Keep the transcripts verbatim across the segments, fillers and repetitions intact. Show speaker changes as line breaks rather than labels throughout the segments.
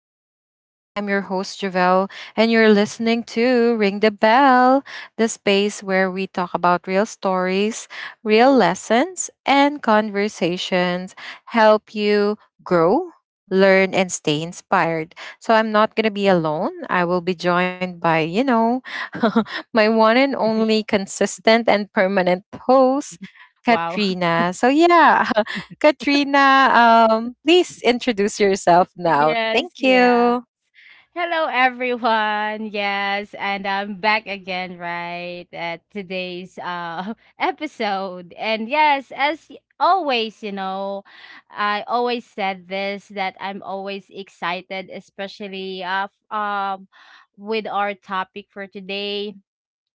to the show. I'm your host Javelle, and you're listening to Ring the Bell, the space where we talk about real stories, real lessons, and conversations help you grow, learn, and stay inspired. So I'm not gonna be alone. I will be joined by, you know, my one and only consistent and permanent host,
Wow.
Katrina. So yeah, Katrina, um, please introduce yourself now.
Yes,
Thank
yeah.
you.
Hello, everyone. Yes, and I'm back again, right, at today's uh episode. And yes, as y- always, you know, I always said this that I'm always excited, especially uh f- um with our topic for today.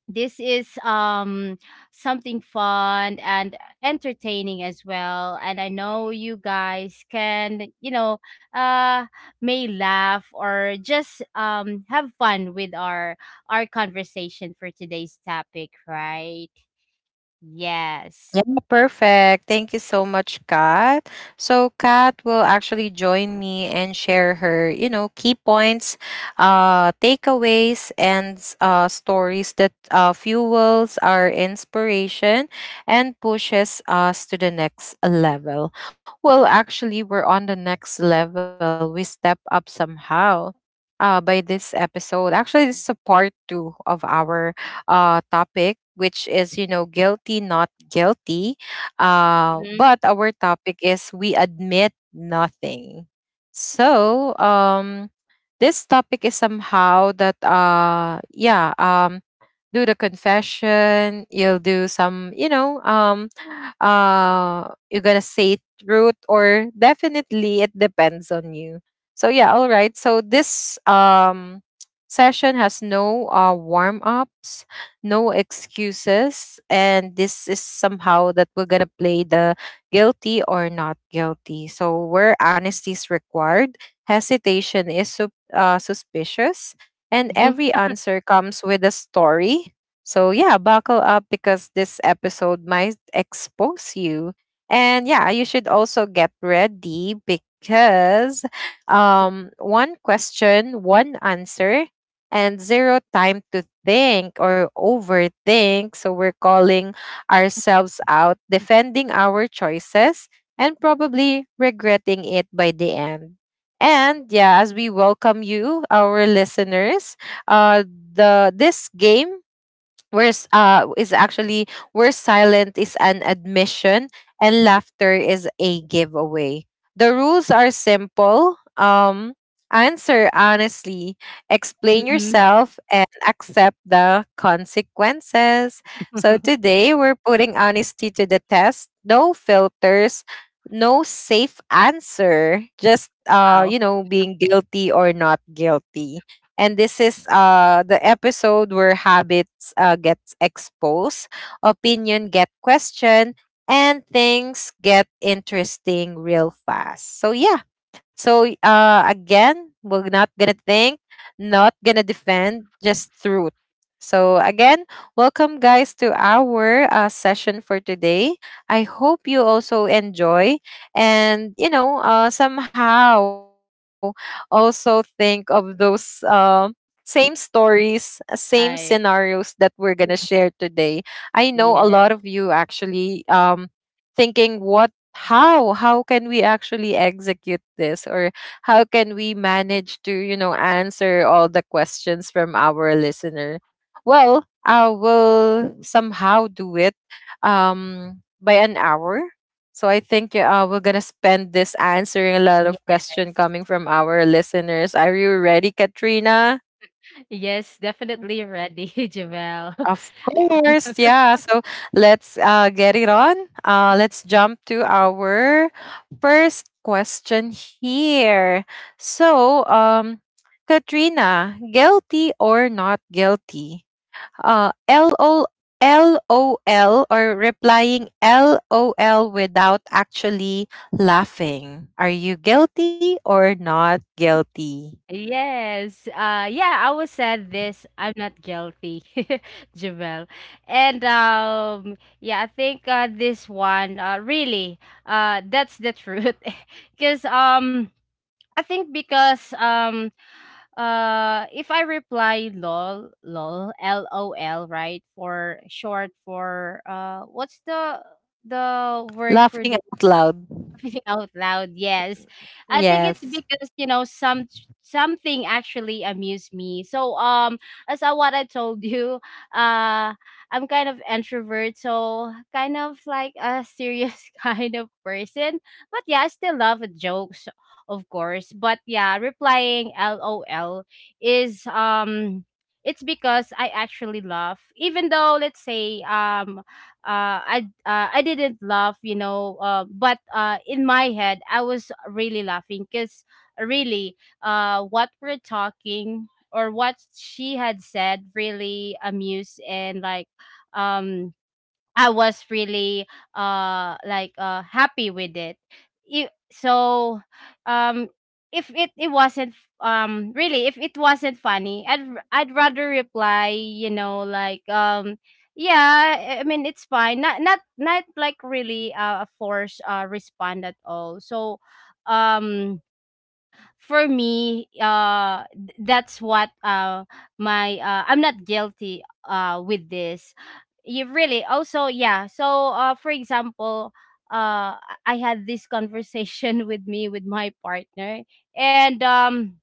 This is um something fun and entertaining as well. And I know you guys can, you know uh may laugh, or just um have fun with our our conversation for today's topic, right? Yes.
Yeah, perfect. Thank you so much, Kat. So Kat will actually join me and share her, you know, key points, uh, takeaways, and s- uh, stories that uh, fuels our inspiration and pushes us to the next level. Well, actually, we're on the next level. We step up somehow. Uh, by this episode, actually, this is a part two of our uh, topic, which is, you know, guilty, not guilty. Uh,
Hmm.
but our topic is we admit nothing. So, um, this topic is somehow that, uh, yeah, um, do the confession, you'll do some, you know, um uh you're gonna say truth, or definitely it depends on you. So yeah, all right, so this, um session has no uh warm ups, no excuses, and this is somehow that we're gonna play the guilty or not guilty, so where honesty is required, hesitation is sup- uh, suspicious, and every answer comes with a story. So, yeah, buckle up because this episode might expose you. And yeah, you should also get ready because, um, one question, one answer, and zero time to think or overthink. So, we're calling ourselves out, defending our choices, and probably regretting it by the end. And yeah, as we welcome you, our listeners, uh, the this game Where's uh is actually where silent is an admission and laughter is a giveaway. The rules are simple. Um answer honestly, explain
Hmm.
yourself, and accept the consequences. So today we're putting honesty to the test. No filters, no safe answer. Just uh
Wow.
you know, being guilty or not guilty. And this is uh, the episode where habits uh, get exposed, opinion get questioned, and things get interesting real fast. So yeah. So uh, again, we're not gonna think, not gonna defend, just truth. So again, welcome guys to our uh, session for today. I hope you also enjoy and you know, uh, somehow also think of those um same stories, uh, same scenarios
Right.
that we're going to share today. I know a lot of
Yes.
you actually um thinking what, how how can we actually execute this, or how can we manage to, you know, answer all the questions from our listener. Well, I will somehow do it um by an hour, so I think uh, we're gonna spend this answering a lot of question
Yes.
coming from our listeners. Are you ready, Katrina?
Yes, definitely ready. Javel.
Of course, yeah. So let's uh, get it on. Uh, let's jump to our first question here. So, um, Katrina, guilty or not guilty? Uh, L O L O L or replying LOL without actually laughing. Are you guilty or not guilty?
Yes. Uh yeah, I will say this. I'm not guilty, Jamel. And um yeah, I think uh this one uh really— uh that's the truth. Cuz um I think because, um uh if I reply L O L L O L L O L, right, for short for, uh what's the the word for
Laughing
this?
out loud.
Laughing out loud. Yes. I think it's
Yes.
because, you know, some something actually amused me. So, um as I— what I told you, uh I'm kind of introvert, so kind of like a serious kind of person. But yeah, I still love jokes, of course. But yeah, replying L O L is, um it's because I actually laugh. Even though let's say, um uh, I— uh, I didn't laugh, you know, uh, but uh, in my head I was really laughing because, really, uh, what we're talking, or what she had said, really amused, and like, um, I was really uh like uh happy with it. I- so um if it, it wasn't, um really, if it wasn't funny, I'd— r- I'd rather reply, you know, like, um yeah, I I mean, it's fine, not not not like really, uh, a forced, uh, respond at all. So, um for me, uh th- that's what uh my uh I'm not guilty uh with this. You really also. Yeah. So, uh for example, uh i I had this conversation with me with my partner. And um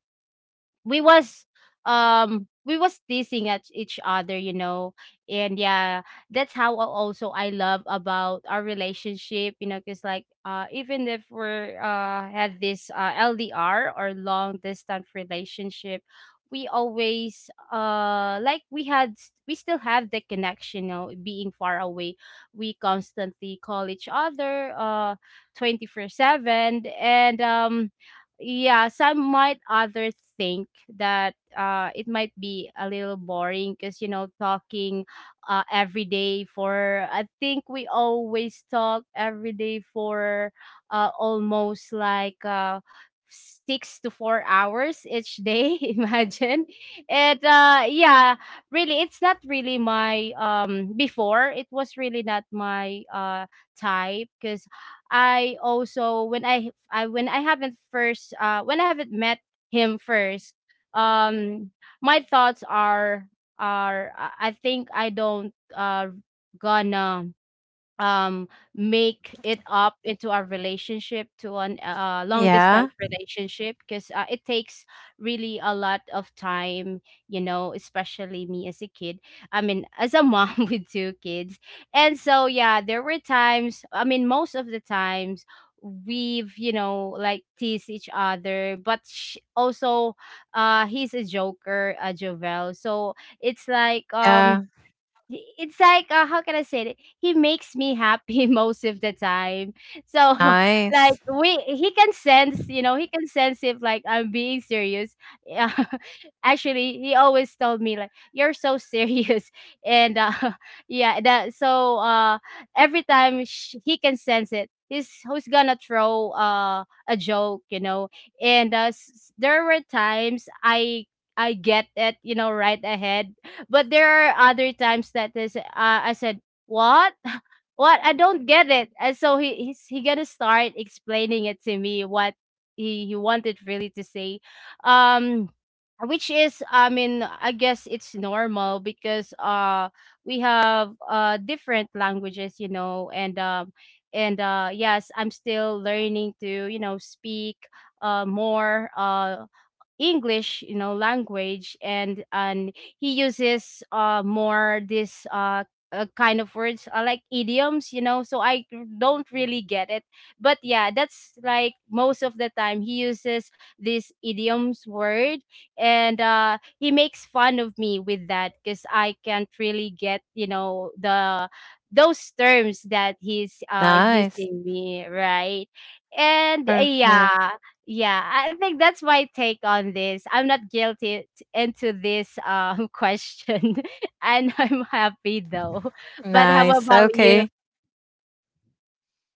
we was um we was teasing at each other, you know. And yeah, that's how, al- also, I love about our relationship, you know, because like, uh even if we're, uh had this, uh L D R, or long distance relationship. We always, uh like, we had s- we still have the connection, you know, being far away. We constantly call each other, uh twenty four seven. And um yeah, some might others think that, uh, it might be a little boring because, you know, talking uh, every day for— I think we always talk every day for, uh, almost like, uh, six to four hours each day. Imagine it. Uh, yeah, really, it's not really my, um before it was really not my, uh type, because I also, when I— I when I haven't first— uh when I haven't met him first, um my thoughts are— are I I think I don't, uh gonna, um make it up into our relationship to an, uh, long distance
Yeah.
relationship, because, uh, it takes really a lot of time, you know, especially me as a kid— I mean, as a mom, with two kids. And so yeah, there were times, I mean, most of the times, we've, you know, like, tease each other. But sh- also, uh he's a joker, uh Jovel. So it's like, um
Yeah.
it's like, uh, how can I say it? He makes me happy most of the time. So, like,
Nice.
we he can sense, you know, he can sense if, like, I'm being serious. Yeah. Actually, he always told me like, "You're so serious," and, uh, yeah, that. So, uh, every time sh he can sense it. He's who's gonna throw, uh, a joke, you know. And, uh, s- there were times I I get it, you know, right ahead. But there are other times that this, uh, I said, "What? What? I don't get it." And so he he's he gonna start explaining it to me what he he wanted really to say, um, which is— I mean, I guess it's normal because, uh we have, uh different languages, you know. And um and uh yes, I'm still learning to, you know, speak, uh more, uh English, you know, language. And and he uses, uh more this, uh, uh kind of words, uh, like idioms, you know. So I don't really get it. But yeah, that's like most of the time he uses this idioms word. And, uh, he makes fun of me with that because I can't really get, you know, the those terms that he's, uh
Nice.
using me, right? And, uh, yeah.
Perfect.
Yeah, I think that's my take on this. I'm not guilty t- into this, um question, and I'm happy though. But how
Nice.
about you?
Okay.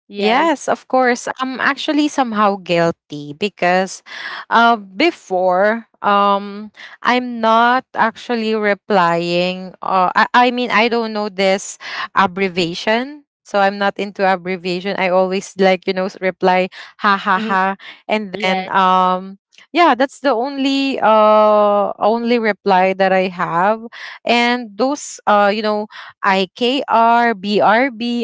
Yes.
Yes, of course. I'm actually somehow guilty because, uh, before um I'm not actually replying uh, I, I mean I don't know this abbreviation. So I'm not into abbreviation. I always like, you know, s- reply ha ha
Mhm.
ha, and then
Yes.
um yeah, that's the only uh only reply that I have. And those, uh you know, I K R,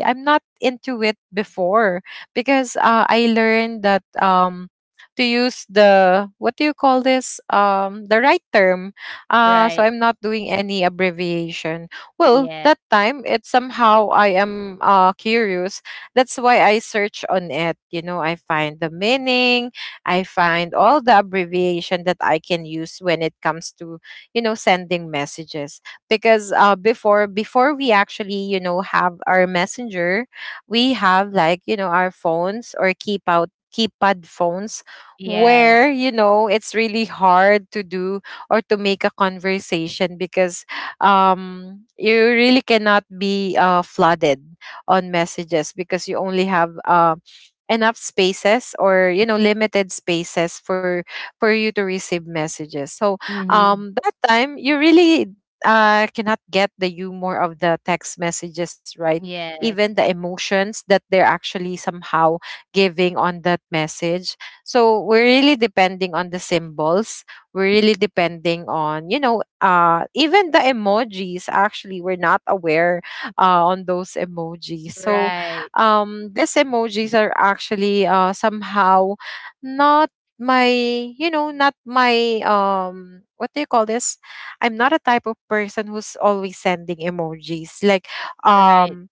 I'm not into it before because, uh, I learned that, um, to use the what do you call this, um the right term. Uh so
Right.
I'm not doing any abbreviation. Well,
Yes.
that time, it somehow, I am uh curious, that's why I search on it, you know, I find the meaning, I find all the abbreviation that I can use when it comes to, you know, sending messages. Because, uh, before before we actually, you know, have our messenger, we have like, you know, our phones, or keep out keypad phones, where
Yes.
you know, it's really hard to do or to make a conversation because um you really cannot be, uh, flooded on messages, because you only have, uh, enough spaces, or you know, limited spaces for for you to receive messages. So,
Hmm.
um that time, you really, uh, cannot get the humor of the text messages, right? Even
Yes.
the emotions that they're actually somehow giving on that message. So we're really depending on the symbols, we're really depending on, you know, uh, even the emojis. Actually, we're not aware, uh, on those emojis. So,
Right.
um, these emojis are actually, uh, somehow not my, you know, not my, um what do you call this, I'm not a type of person who's always sending emojis. Like,
Right.
um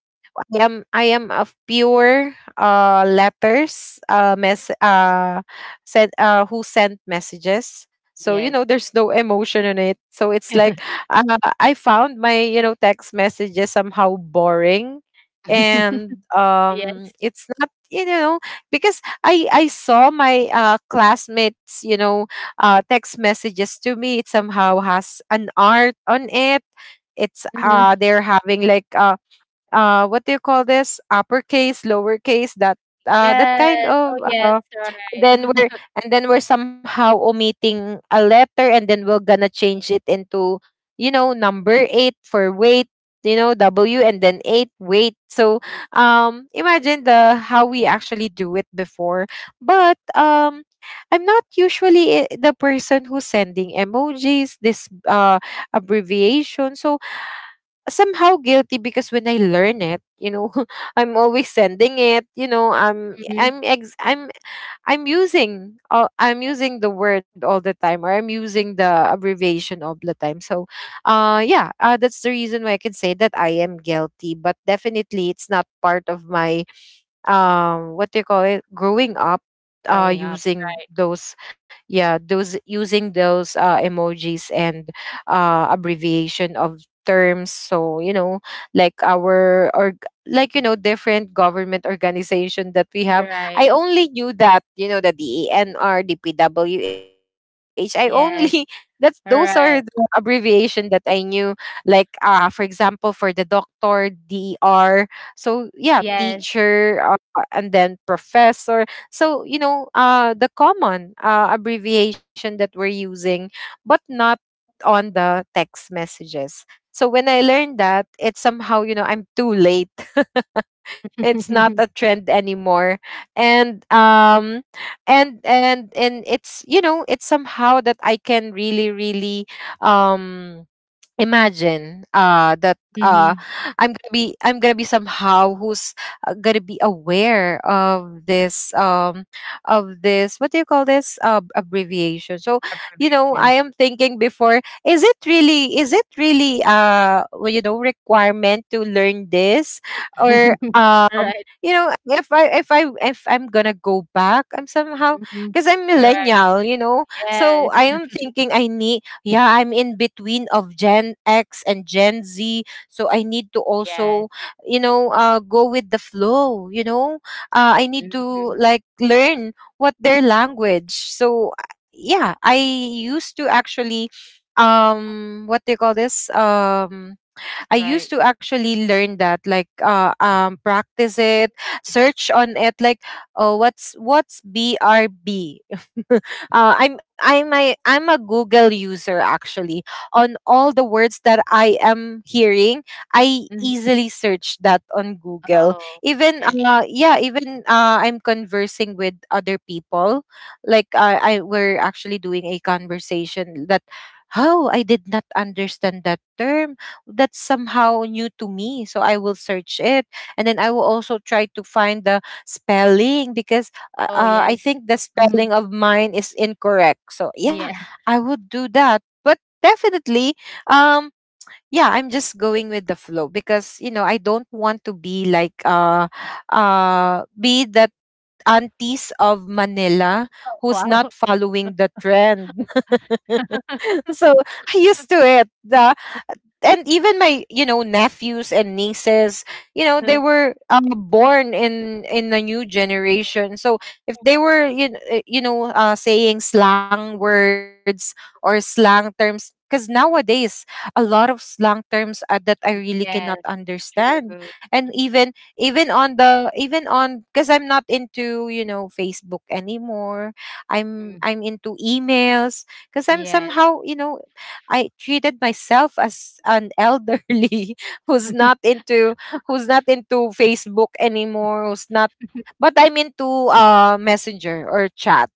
I am I am of pure uh letters uh mess uh sent, uh who sent messages. So you
Yes.
know, there's no emotion in it. So it's like, uh, I found my, you know, text messages somehow boring, and um
Yes.
it's not, you know, because I I saw my uh classmates, you know, uh text messages to me. It somehow has an art on it. It's uh
Hmm.
they're having like, uh uh what do you call this, uppercase lowercase, that uh that kind
Yes. Oh,
of,
yes.
uh,
Right.
then we're and then we're somehow omitting a letter, and then we're gonna change it into, you know, number eight for weight, you know, w and then eight weight. So, um imagine the how we actually do it before. But, um I'm not usually, eh, the person who's sending emojis, this uh abbreviation. So, somehow guilty because when I learn it, you know, I'm always sending it. You know, I'm
Mhm.
I'm ex- I'm I'm using, uh, I'm using the word all the time, or I'm using the abbreviation all the time. So, uh, yeah, uh, that's the reason why I can say that I am guilty. But definitely, it's not part of my, um what do you call it, growing up, uh
Growing up.
using those, yeah, those using those uh emojis and uh abbreviation of terms. So you know, like our, or like you know, different government organization that we have,
Right.
I
Right.
only knew that, you know, the D E N R, the P W H. I only that's
Yes.
those are the
All right.
abbreviation that I knew. Like, uh for example, for the doctor, der, so yeah,
Yes.
teacher, uh, and then professor. So, you know, uh, the common, uh, abbreviation that we're using, but not on the text messages. So when I learned that, it's somehow, you know, I'm too late. It's not a trend anymore. And um and and and it's, you know, it's somehow that I can really, really, um imagine uh that uh
Hmm.
i'm gonna be I'm gonna be somehow who's, uh, gonna be aware of this, um of this what do you call this, uh, abbreviation. So you know, I
Approbation.
am thinking before, is it really is it really, uh well, you know, requirement to learn this, or um
Alright.
you know, if I if I if I'm gonna go back, I'm somehow,
Mhm.
because I'm
Alright.
millennial, you know. So
Yes.
I am thinking, I need, yeah, I'm in between of Gen X and Gen Z, so I need to also,
Yes.
you know, uh, go with the flow, you know, uh, I need to
Mhm.
like learn what their language. So, uh, yeah, I used to actually,
Oh.
um what do you call this, um I used
Right.
to actually learn that, like, uh, um, practice it, search on
Okay.
it, like, oh, what's what's B R B? Uh, I'm I'm am I I I'm a Google user actually. On all the words that I am hearing, I
Mhm.
easily search that on Google.
Oh,
Even,
yes.
uh, yeah, even uh, I'm conversing with other people. Like, uh, I, we're actually doing a conversation that how I did not understand that term, that's somehow new to me, so I will search it, and then I will also try to find the spelling, because uh,
Oh,
uh, I
yes.
think the spelling
Mhm.
of mine is incorrect. So yeah,
Yeah.
I would do that. But definitely, um yeah, I'm just going with the flow, because you know, I don't want to be like, uh uh be that aunties of Manila who's not
Wow.
following the trend. So I used to it, and even my, you know, nephews and nieces, you know, they were, uh, born in in a new generation. So if they were, you kn- uh, you know, uh, saying slang words or slang terms, because nowadays a lot of slang terms, uh, that I really
Yes,
cannot
that's so—
understand.
yes, true.
And even even on the even on, because I'm not into, you know, Facebook anymore, i'm
Mhm.
I'm into emails, because I'm
Yes.
somehow, you know, I treated myself as an elderly who's not into, who's not into Facebook anymore, who's not, but I'm into uh messenger or chat.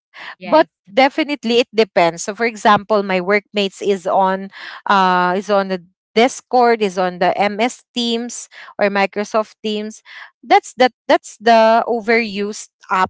But
Yes,
definitely it depends. So for example, my workmates is on uh is on the Discord, is on the M S Teams or Microsoft Teams. That's the that's the overused app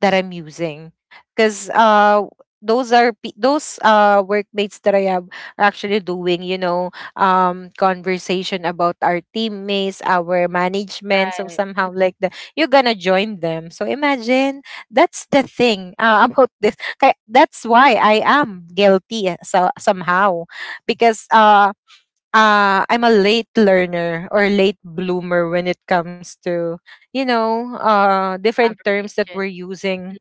that I'm using because uh those are pe- those uh workmates that I have are actually doing you know um conversation about our teammates, our management. So
right.
somehow,
Mhm.
like, the you're gonna join them, so imagine that's the thing uh, about this Kaya- that's why I am guilty, uh, so somehow, because uh uh, I'm a late learner or late bloomer when it comes to, you know, uh different terms that
Approbation.
we're using.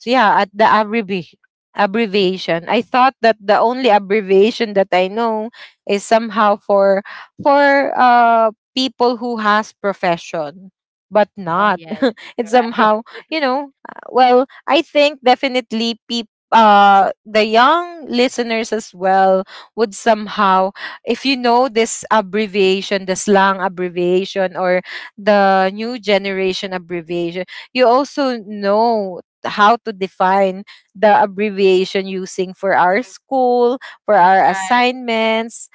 So yeah, at the abbrevi- abbreviation, I thought that the only abbreviation that I know is somehow for for uh people who has profession, but
Oh,
not,
yes.
it's
Right.
somehow, you know, uh, well, I think definitely people, uh the young listeners as well, would somehow, if you know this abbreviation, the slang abbreviation or the new generation abbreviation, you also know how to define the abbreviation using for our school, for our
Right.
assignments.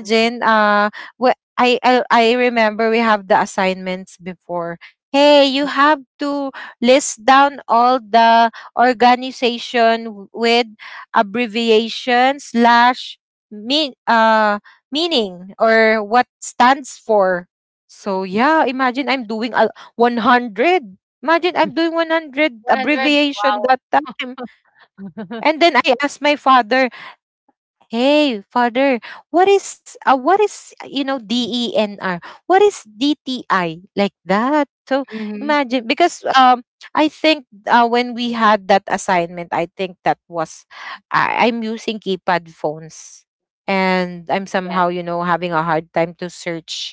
Mhm.
uh wh- I, I I remember we have the assignments before. Hey, you have to list down all the organization w- with abbreviation slash mean uh meaning or what stands for.
Mm.
So yeah, imagine I'm doing a one hundred. Imagine I'm doing one hundred
one hundred.
abbreviation
Wow.
that time. And then I asked my father, hey, father, what is uh, what is uh, you know, D E N R? What is D T I, like that? So
Mhm.
imagine, because um I think, uh, when we had that assignment, I think that was, I, I'm using keypad phones and I'm
Yes.
somehow, you know, having a hard time to search,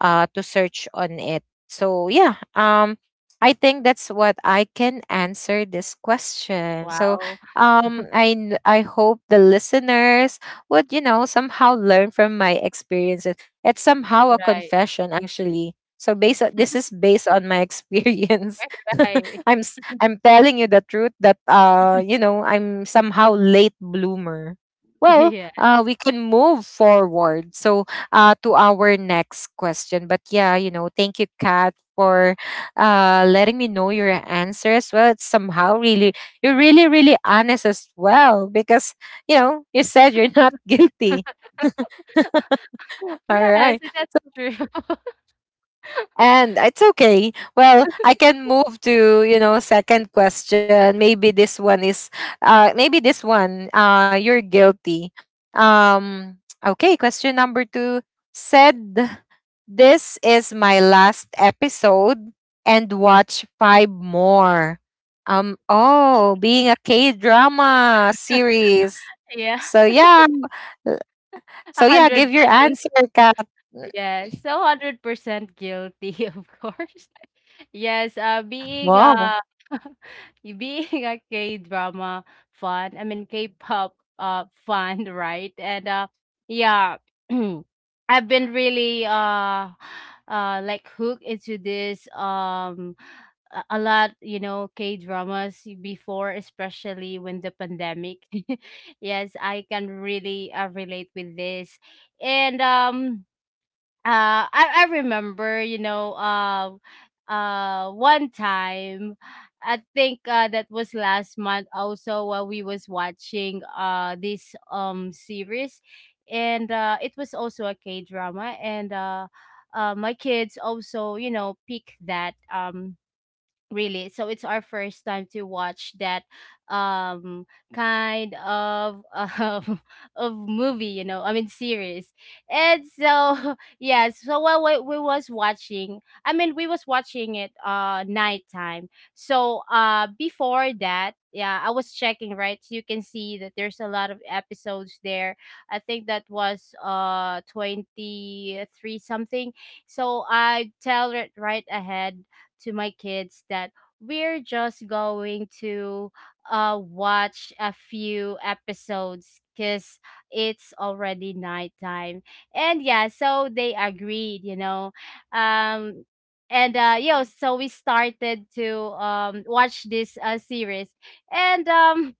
uh to search on it. So yeah, um I think that's what I can answer this question. So
Wow.
um I n- I hope the listeners would, you know, somehow learn from my experiences. It's somehow a
Right.
confession, actually. So based on, this is based on my experience.
Right, right.
I'm s- I'm telling you the truth that, uh you know, I'm somehow late bloomer. Well,
Yeah.
uh, we can move forward. So uh, to our next question. But yeah, you know, thank you, Kat, for uh, letting me know your answer as well. It's somehow really, you're really, really honest as well, because, you know, you said you're not guilty. All
Yes,
right.
that's true.
And it's okay. Well, I can move to, you know, second question. Maybe this one is, uh maybe this one, uh you're guilty. Um okay, question number two said, this is my last episode and watch five more. Um oh, being a K-drama series.
Yeah.
So yeah, so yeah, give your
one hundred percent.
answer, Kat.
Yes, so one hundred percent guilty, of course. Yes, uh, being,
Wow.
uh, being a K-drama fan— I mean, K-pop, uh fan, right? And, uh, yeah. I've been really, uh, uh, like, hooked into this, um a a lot, you know, K dramas before, especially when the pandemic. Yes, I can really, uh, relate with this. And um uh I— I remember, you know, uh, uh, one time. I think, uh that was last month also while we was watching, uh this, um series. And uh it was also a K drama. And, uh uh, my kids also, you know, pick that. Um, Really. So it's our first time to watch that, um kind of, um, of movie, you know. I mean, series. And so yeah, so while we, we was watching— I mean, we was watching it uh nighttime. So uh before that, yeah, I was checking, right? So you can see that there's a lot of episodes there. I think that was uh twenty three something. So I tell it right ahead to my kids that we're just going to uh watch a few episodes because it's already nighttime. And yeah, so they agreed, you know. um and uh yeah, so we started to, um watch this, uh series. And um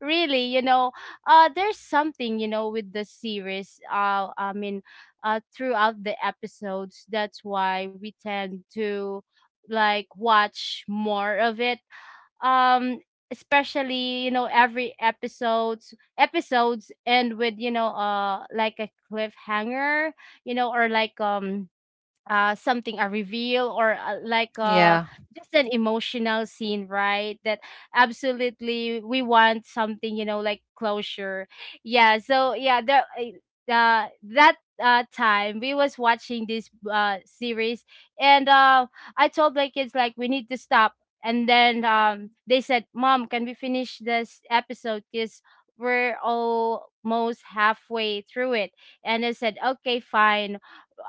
really, you know, uh, there's something, you know, with the series. Uh, I mean, uh, throughout the episodes, that's why we tend to like watch more of it. Um, Especially, you know, every episodes episodes end with, you know, uh like, a cliffhanger, you know, or like, um uh something— a reveal, or, uh, like, uh
Yeah.
just an emotional scene, right? That absolutely, we want something, you know, like closure. Yeah. So yeah, the, uh, uh, that, uh time we was watching this, uh series. And uh I told my kids, like, we need to stop. And then um they said, "Mom, can we finish this episode because we're almost halfway through it?" And I said, "Okay, fine.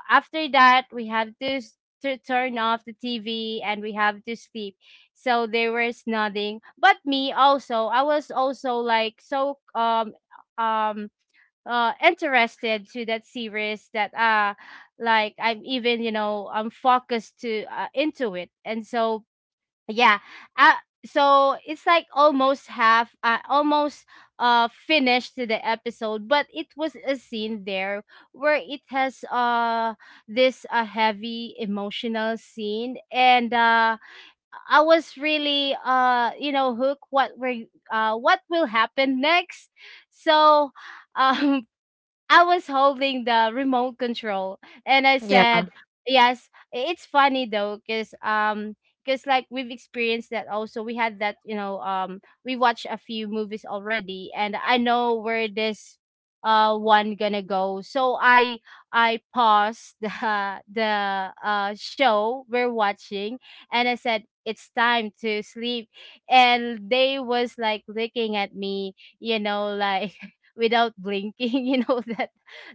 After that we have to s- to turn off the T V, and we have to sleep." So they were— nothing. But me also, I was also like, so, um um uh interested to that series that, uh like, I'm even, you know, I'm focused to, uh, into it. And so yeah. Uh, so it's like almost half, uh, almost uh finished to the episode. But it was a scene there where it has, uh this, uh, heavy emotional scene. And uh I was really, uh you know, hooked— what were uh what will happen next. So um I was holding the remote control. And I said—
Yeah.
yes, i- it's funny though, cuz um cuz like, we've experienced that also. We had that, you know, um we watched a few movies already, and I know where this uh one gonna go. So I I paused the the, uh show we're watching. And I said, "It's time to sleep." And they was like looking at me, you know, like, without blinking, you know, that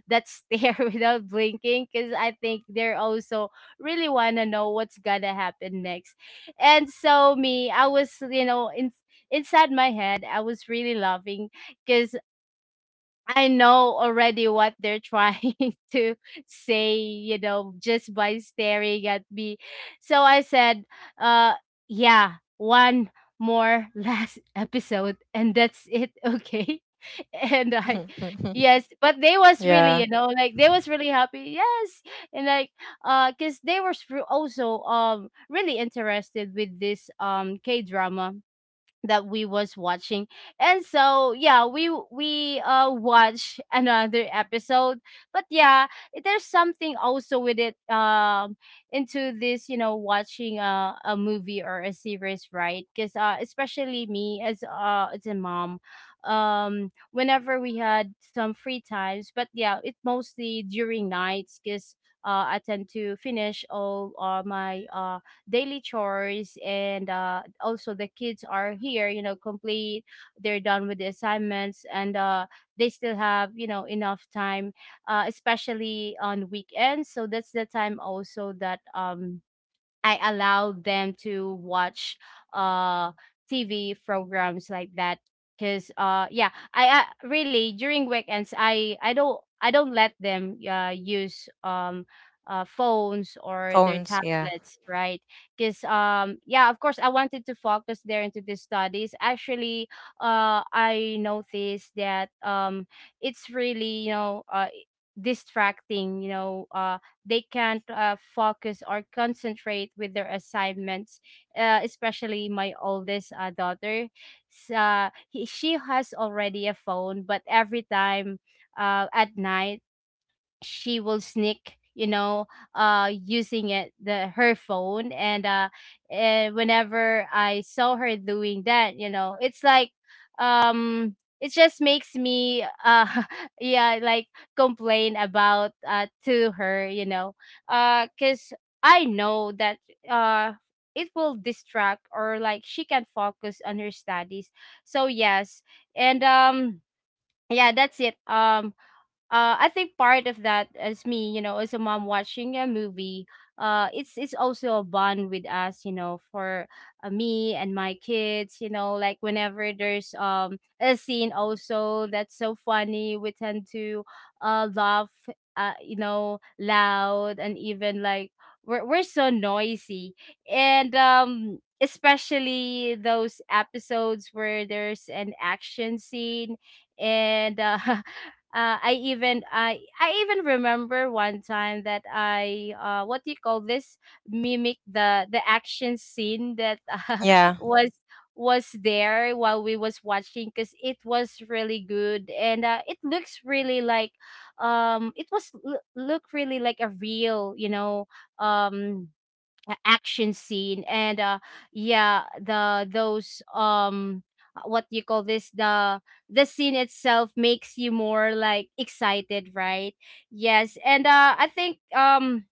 that stare, without blinking, because I think they're also really want to know what's gonna happen next. And so me, I was, you know, in, inside my head, I was really laughing because I know already what they're trying to say, you know, just by staring at me. So I said, uh, yeah, one more last episode, and that's it, okay? And I— yes, but they was really, you
yeah.
know, like, they was really happy. Yes. And like uh cuz they were also um really interested with this um K-drama that we was watching. And so yeah we we uh watch another episode but yeah it- there's something also with it um into this you know watching a, a movie or a series, right? Because uh especially me as uh as a mom, um whenever we had some free times. But yeah, it mostly during nights because uh, I tend to finish all uh, my uh, daily chores, and uh, also the kids are here, you know, complete. They're done with the assignments, and uh, they still have, you know, enough time uh, especially on weekends. So that's the time also that um I allow them to watch uh T V programs like that, because uh yeah, I uh, really during weekends, I I don't I don't let them uh, use um uh, phones or their
Phones. Yeah.
tablets, right? Because um yeah, of course I wanted to focus there into the studies. Actually, uh I noticed that um it's really, you know, uh distracting, you know, uh they can't uh, focus or concentrate with their assignments uh, especially my oldest uh, daughter. S- uh, he, she has already a phone, but every time uh, at night, she will sneak, you know, uh using it, the her phone. And uh eh, whenever I saw her doing that, you know, it's like um it just makes me uh yeah, like complain about uh to her, you know, uh cuz I know that uh it will distract, or like she can focus on her studies. So yes. And um yeah, that's it. um uh, I think part of that as me, you know, as a mom watching a movie, uh, it's it's also a bond with us, you know, for uh, me and my kids, you know. Like whenever there's um a scene also that's so funny, we tend to uh laugh, uh, you know, loud, and even like we're we're so noisy. And um especially those episodes where there's an action scene, and uh, uh, I even I I even remember one time that I uh what do you call this, mimic the the action scene that uh,
Yeah.
was was there while we was watching, because it was really good. And uh, it looks really like um it was l- look really like a real, you know, um a- action scene. And uh yeah, the those um uh, what you call this, the the scene itself makes you more like excited, right? Yes. And uh I think um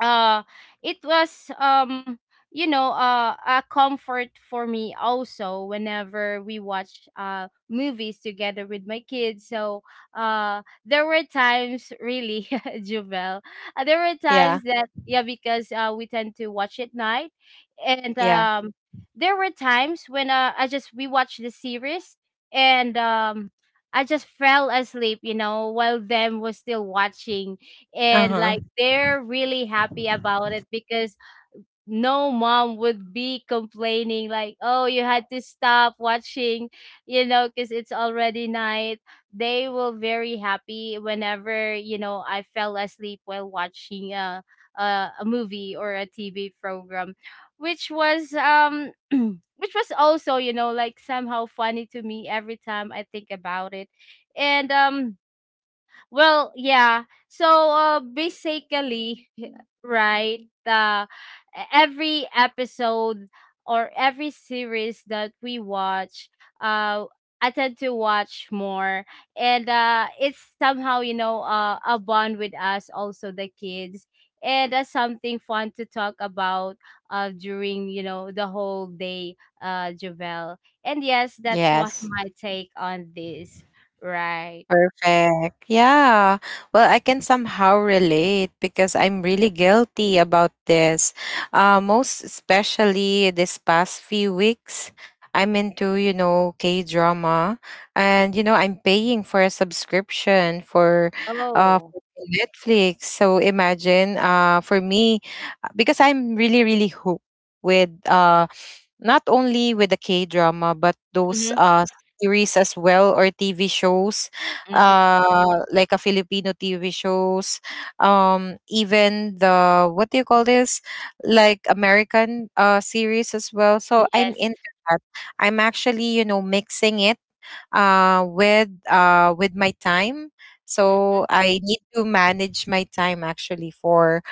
uh it was um you know, uh, a comfort for me also whenever we watch uh movies together with my kids. So uh there were times really, Juvel, uh, there were times
Yeah.
that, yeah, because uh we tend to watch at night. And
Yeah.
um there were times when uh, I just, we watched the series, and um I just fell asleep, you know, while them was still watching.
Uh
And
huh.
like they're really happy about it, because no mom would be complaining like, oh, you had to stop watching, you know, because it's already night. They were very happy whenever, you know, I fell asleep while watching a, a, a movie or a TV program, which was um which was also, you know, like somehow funny to me every time I think about it. And um well, yeah. So uh, basically, right, uh, e-, every episode or every series that we watch, uh, I tend to watch more. And uh, it's somehow, you know, uh, a bond with us, also the kids, and that's something fun to talk about uh, during, you know, the whole day, uh, Javel. And yes, that's what
Yes.
my take on this. Right.
Perfect. Yeah. Well, I can somehow relate because I'm really guilty about this. Uh, most especially this past few weeks, I'm into, you know, K drama. And, you know, I'm paying for a subscription for uh
Oh.
for Netflix. So imagine uh for me, because I'm really, really hooked with, uh not only with the K drama, but those
Mhm,
uh, series as well or T V shows,
mhm.
uh, like a Filipino T V shows, um, even the, what do you call this, like American uh series as well. So I'm
Yes.
into that. I'm actually, you know, mixing it uh, with uh, with my time.
Mhm.
So I need to manage my time actually for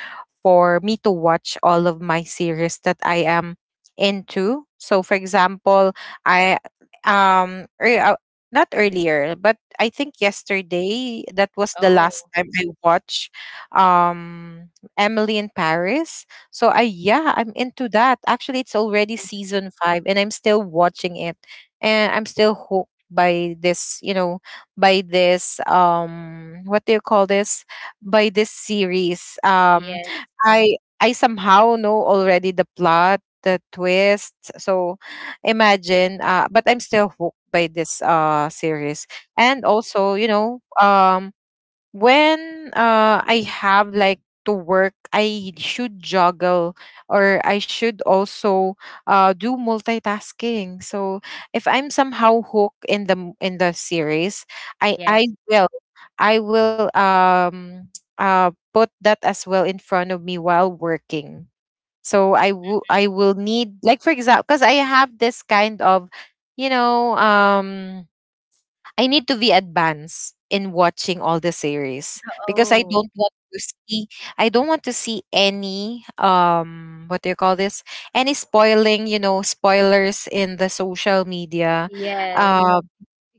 for me to watch all of my series that I am into. So for example, I, um ear- uh, not earlier, but I think yesterday that was the last
Oh,
time I watched, um Emily in Paris. So I, yeah, I'm into that. Actually, it's already season five and I'm still watching it, and I'm still hooked by this, you know, by this, um what do you call this, by this series. um
yes.
i i somehow know already the plot, the twist. So imagine, uh but I'm still hooked by this uh series. And also, you know, um when, uh I have like to work, I should juggle or I should also uh do multitasking. So if I'm somehow hooked in the m- in the series, I I
Yes.
will I will um uh put that as well in front of me while working. So I will, I will need, like, for example, because I have this kind of, you know, um I need to be advanced in watching all the series, because I
Oh,
don't want to see, I don't want to see any, um what do you call this, any spoiling, you know, spoilers in the social media.
yes.
um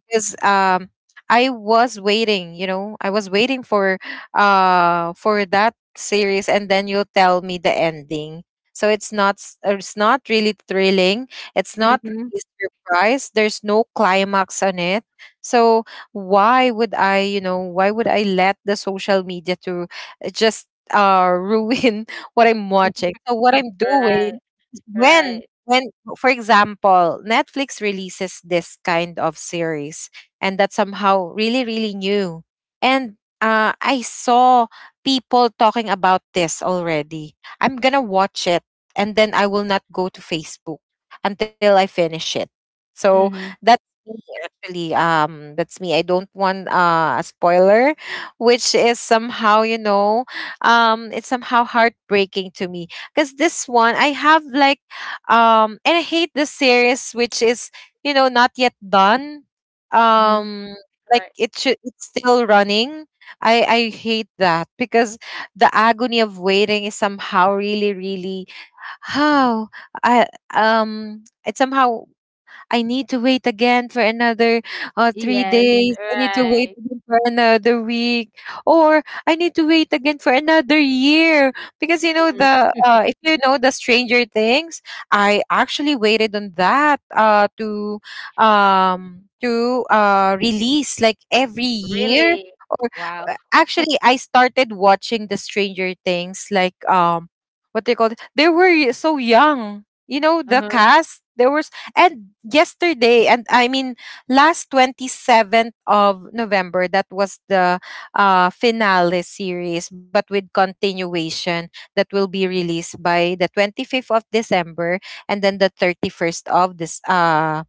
because um I was waiting, you know, I was waiting for uh for that series, and then you tell me the ending. So it's not s- uh, it's not really thrilling. It's not
Mhm.
really surprise. There's no climax on it. So why would I, you know, why would I let the social media to uh, just uh ruin what I'm watching? So what I'm
Right,
doing, when
right.
when for example, Netflix releases this kind of series, and that's somehow really, really new, and, uh, I saw people talking about this already, I'm gonna watch it, and then I will not go to Facebook until I finish it. So
Mhm,
that's me, actually. Um that's me, I don't want, uh, a spoiler, which is somehow, you know, um it's somehow heartbreaking to me, because this one I have like, um, and I hate the series, which is, you know, not yet done.
mhm.
Um, like
Right.
it should, it's still running. I I hate that, because the agony of waiting is somehow really, really how I, um it somehow, I need to wait again for another uh, three
Yes,
days. I need to wait
right.
again for another week, or I need to wait again for another year. Because, you know,
Mhm.
the uh, if you know the Stranger Things, I actually waited on that uh, to um to uh release like every year.
Really? Wow.
Uh, actually, I started watching the Stranger Things like, um what they called they were y- so young. You know, the
Uh-huh.
cast there was, and yesterday, and I mean last twenty-seventh of November, that was the uh finale series, but with continuation that will be released by the twenty-fifth of December, and then the thirty-first of this uh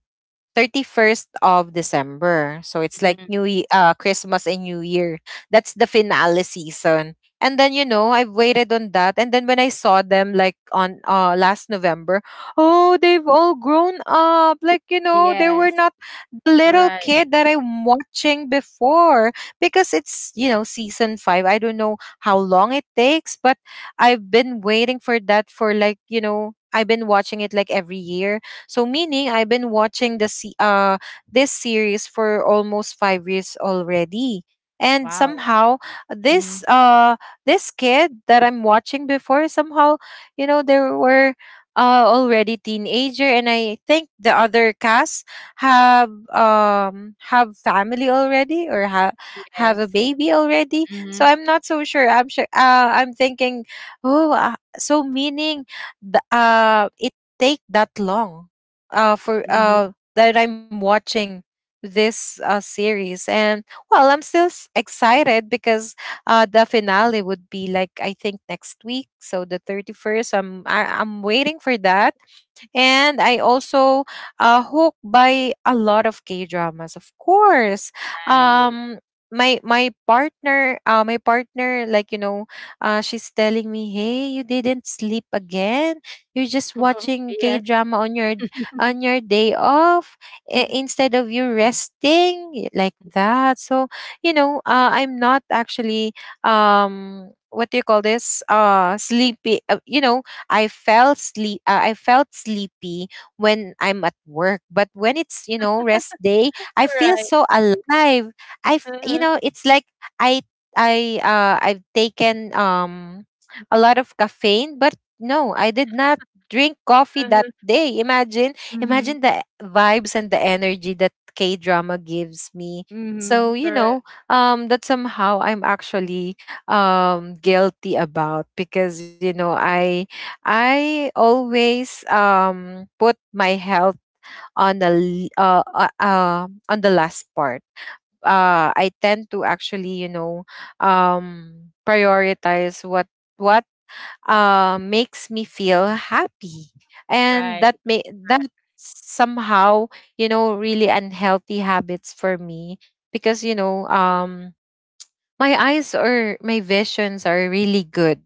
thirty-first of December. So it's like
Mhm.
New Ye- uh Christmas and New Year. That's the finale season. And then, you know, I've waited on that, and then when I saw them like on uh last November, oh, they've all grown up. Like, you know, they were
Yes.
not the little
Right.
kid that I'm watching before, because it's, you know, season five. I don't know how long it takes, but I've been waiting for that for like, you know, I've been watching it like every year. So meaning I've been watching the se- uh this series for almost five years already. And
Wow.
somehow this
Mhm.
uh this kid that I'm watching before somehow, you know, there were, uh already teenager, and I think the other cast have, um have family already, or have have a
Yes.
baby already. So
Mhm.
I'm not so sure. I'm sure. Uh, I'm thinking, oh, uh, so meaning, the, uh, it take that long uh for
Mhm.
uh that I'm watching this uh series. And well, I'm still s- excited because, uh the finale would be like I think next week, so the thirty-first, I'm I, I'm waiting for that. And I also, uh, hooked by a lot of K dramas, of course.
Right.
Um, my my partner, uh, my partner, like, you know, uh, she's telling me, "Hey, you didn't sleep again. You're just watching K
Yes.
drama on your, on your day off, i-
Mhm.
instead of you resting, y- like that." So, you know, uh, I'm not actually, um what do you call this, uh sleepy. Uh, you know, I felt sleep. Uh, I felt sleepy when I'm at work, but when it's, you know, rest day, I feel
Right.
so alive. I f- you
Uh-huh.
know, it's like, I I uh I've taken, um a lot of caffeine, but no, I did not drink coffee that
Uh-huh.
day. Imagine, imagine
Mhm.
the vibes and the energy that K drama gives me. So,
Mhm.
you
Right.
know, um that somehow I'm actually, um guilty about, because, you know, I I always, um put my health on the l- uh, uh uh, on the last part. Uh, I tend to actually, you know, um prioritize what what uh makes me feel happy, and
Right.
that may that
Right.
somehow, you know, really unhealthy habits for me. Because, you know, um my eyes or my visions are really good,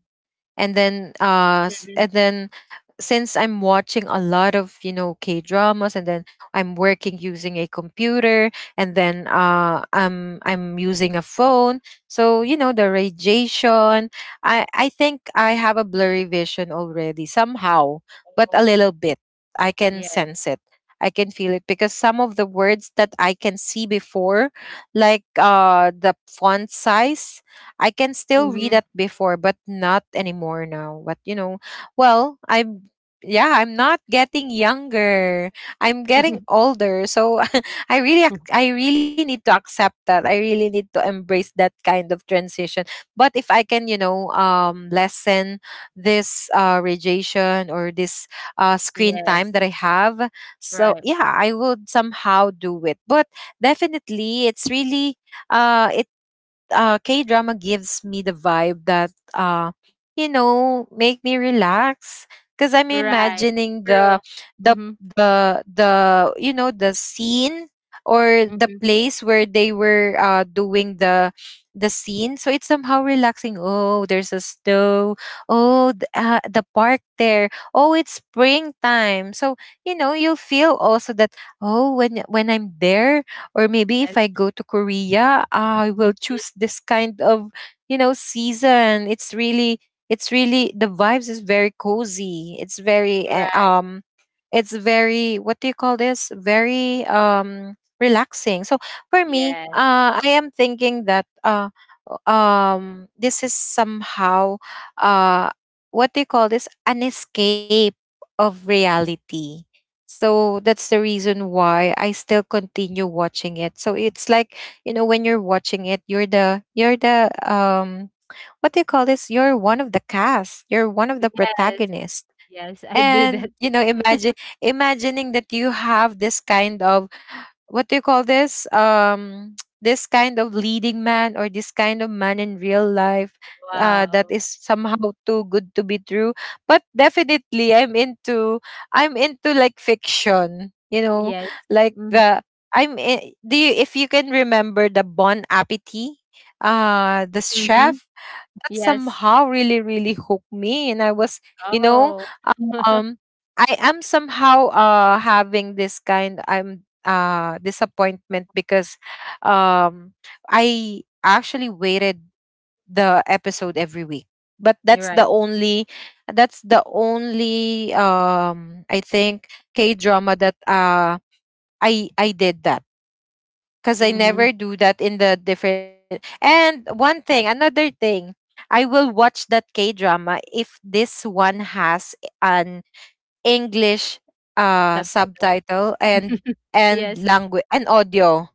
and then uh s-
Mhm.
and then, since I'm watching a lot of, you know, K dramas, and then I'm working using a computer, and then uh I'm I'm using a phone. So, you know, the radiation, I I think I have a blurry vision already somehow, but a
Oh,
little bit. I can
yes.
sense it. I can feel it because some of the words that I can see before, like uh the font size, I can still read
Mhm.
that before, but not anymore now. But you know, well, I'm yeah, I'm not getting younger. I'm getting older. So I really ac- I really need to accept that. I really need to embrace that kind of transition. But if I can, you know, um lessen this uh radiation or this uh screen time
Yes.
that I have, so
Right.
yeah, I would somehow do it. But definitely it's really uh uh, K drama gives me the vibe that uh, you know, make me relax because I'm
Right.
imagining the
True.
the
Mhm.
the the you know, the scene or the
Mhm.
place where they were uh, doing the the scene. So it's somehow relaxing. Oh, there's a snow. Oh, the, uh, the park there. Oh, it's springtime, so you know, you'll feel also that. Oh, when when I'm there, or maybe if
Yes.
I go to Korea, I will choose this kind of, you know, season. It's really, it's really, the vibes is very cozy. It's very, uh,
Right.
um, it's very, what do you call this? Very, um, relaxing. So for me,
Yes.
uh, I am thinking that, uh, um, this is somehow, uh, what do you call this? An escape of reality, so that's the reason why I still continue watching it. So it's like, you know, when you're watching it, you're the you're the um what do you call this? You're one of the cast. You're one of the
Yes.
protagonists.
Yes, I do that.
And you know, imagine imagining that you have this kind of what do you call this, um this kind of leading man or this kind of man in real life, uh, that
Wow.
is somehow too good to be true. But definitely i'm into I'm into, like, fiction, you know,
Yes.
like
Mhm.
the i'm i- do you, if you can remember the bon appetit, uh the
Mhm.
chef that
Yes.
somehow really really hooked me, and I was, you know
Oh.
um I am somehow uh having this kind, I'm uh disappointment because um I actually waited the episode every week. But
You're
that's the
right.
only, that's the only um I think, k drama that uh i i did that, because I
Mhm.
never do that in the different. And one thing, another thing, I will watch that K drama if this one has an English uh
Subject.
subtitle and and
Yes.
language and audio.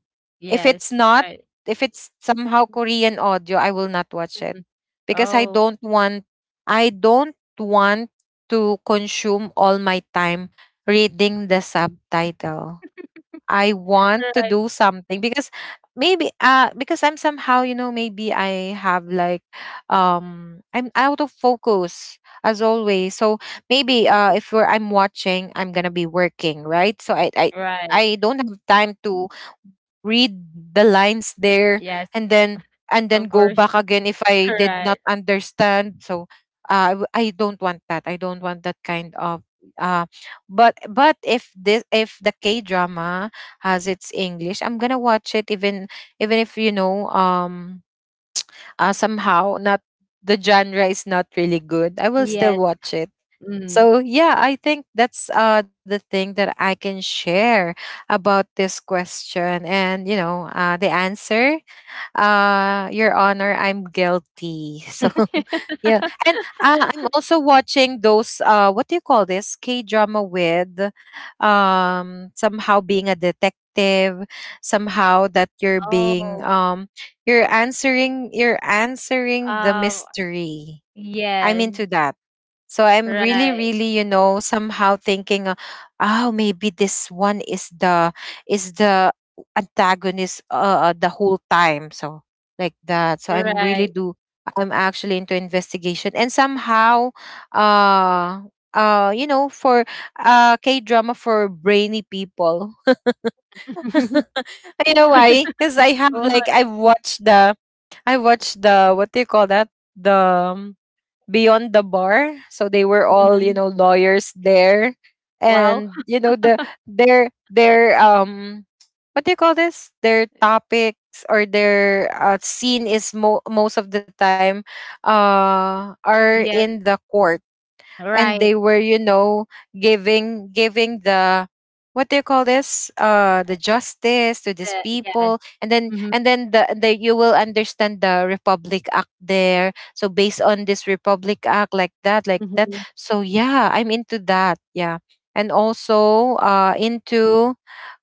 If it's
Yes.
not,
Right.
if it's somehow Korean audio, I will not watch it
Mhm.
because I
Oh.
don't want I don't want to consume all my time reading the subtitle. I want to
Right.
do something because maybe uh because I'm somehow, you know, maybe I have like, um I'm out of focus as always. So maybe uh if we're, I'm watching, I'm gonna be working, right? So I I
Right.
I don't have time to read the lines there,
Yes.
and then and then
Of
go
course.
back again if I did not
Right.
understand. So uh, i w- I don't want that, i don't want that kind of uh but but if this, if the k drama has its english, I'm gonna watch it. Even even if, you know, um uh, somehow not, the genre is not really good, I will still
Yes.
watch it.
Mm.
So yeah, I think that's uh the thing that I can share about this question. And you know, uh the answer, uh your honor, I'm guilty. So yeah. And uh, I'm also watching those uh what do you call this, K-drama with um somehow being a detective, somehow that you're being
Oh,
um you're answering you're answering the
um,
mystery. I'm
yes,
into that. So I'm really,
right,
really, you know, somehow thinking, uh, oh, maybe this one is the is the antagonist uh, uh, the whole time. So like that. So I'm
right.
really do. I'm actually into investigation and somehow, uh, uh, you know, for uh K drama for brainy people. You know why? Because I have
What?
like, I've watched the, I watched the, what do you call that, the um, beyond the bar, so they were all, you
Mhm.
know, lawyers there.
Wow.
And you know, the their their um what do you call this, their topics or their uh, scene is mo- most of the time uh are
Yes,
in the court, and they
right.
were, you know, giving giving the, what do you call this, uh the justice to these
the Yes.
people, and then
Mhm,
and then the, the you will understand the republic act there, so based on this republic act, like that, like that.
mhm.
So yeah, I'm into that, yeah. And also uh into,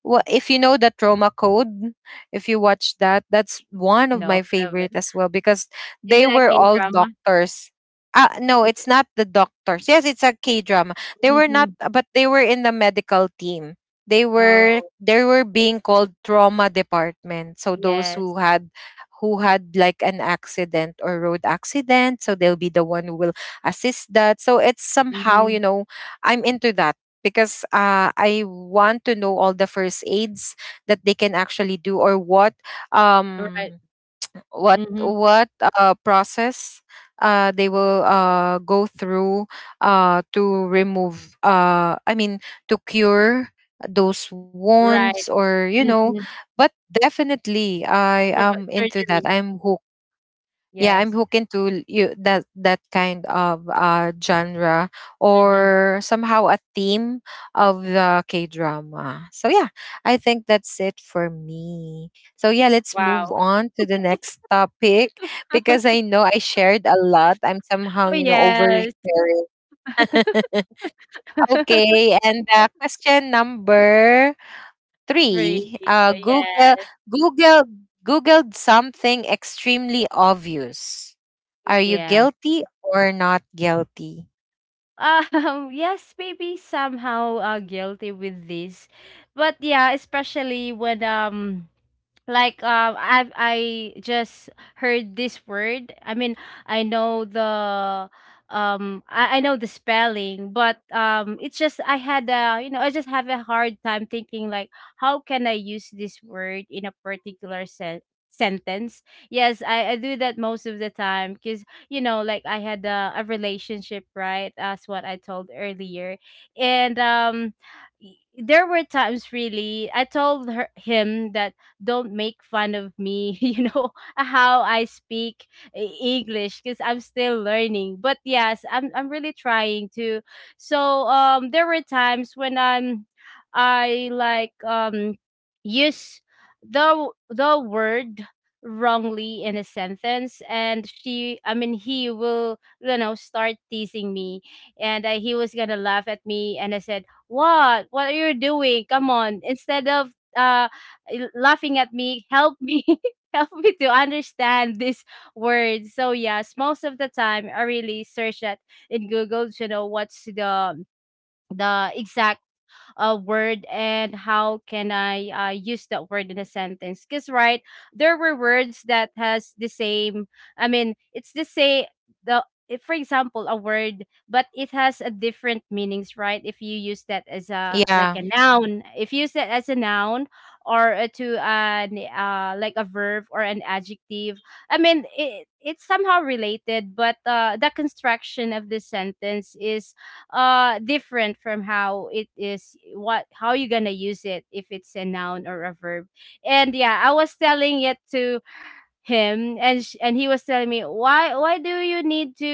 well, if you know the trauma code, if you watch that, that's one of
No,
my
I
favorite
haven't.
as well, because
Is
they
that a
were all
K-drama?
doctors. uh, no,
Is
it's
it
not the doctors. Yes, it's a K drama. They were not,
Mhm.
but they were in the medical team. They were
Oh,
they were being called trauma department. So those
yes.
who had who had like an accident or road accident, so they'll be the one who will assist that. So it's somehow,
Mhm.
you know, I'm into that because uh, I want to know all the first aids that they can actually do, or what
Right.
um what
Mhm.
what uh, process uh, they will uh, go through uh, to remove, uh, I mean, to cure those wounds,
Right.
or you know.
Mhm.
But definitely I
About
am into that,
surgery.
I'm hooked. Yeah, I'm
Yes.
hooked into you, that that kind of uh genre
Mhm.
or somehow a theme of the k drama. So yeah, I think that's it for me. So yeah, let's
Wow.
move on to the next topic. Because I know I shared a lot, I'm somehow,
Oh,
you know,
yes.
oversharing. Okay. And uh, question number three,
Free.
uh google
Yes.
google googled something extremely obvious, are you
Yes.
guilty or not guilty?
Um, yes, maybe somehow uh, guilty with this. But yeah, especially when um like um i i just heard this word. I mean, I know the um I, I know the spelling, but um it's just, I had a, you know, I just have a hard time thinking like how can I use this word in a particular sen- sentence. Yes, I, I do that most of the time, because you know, like I had a, a relationship, right, as what I told earlier. And um y- there were times really, I told her him that, don't make fun of me, you know, how I speak E- English, because I'm still learning. But yes, I'm I'm really trying to. So um there were times when I'm, I like um use the the word wrongly in a sentence, and she I mean he will, you know, start teasing me. And I, he was gonna laugh at me. And I said, what what are you doing, come on, instead of uh l- laughing at me, help me help me to understand these words. So yes, most of the time I really search that in Google to know what's the the exact a word, and how can I uh, use that word in a sentence. Because right, there were words that has the same. I mean, it's the same. The, if, for example, a word, but it has a different meanings, right? If you use that as a like a
Yeah,
noun, if you use that as a noun or uh, to an uh, like a verb or an adjective, I mean, it, it's somehow related, but uh, the construction of this sentence is uh different from how it is, what, how you gonna use it if it's a noun or a verb. And yeah, I was telling it to him. And sh- and he was telling me, why why do you need to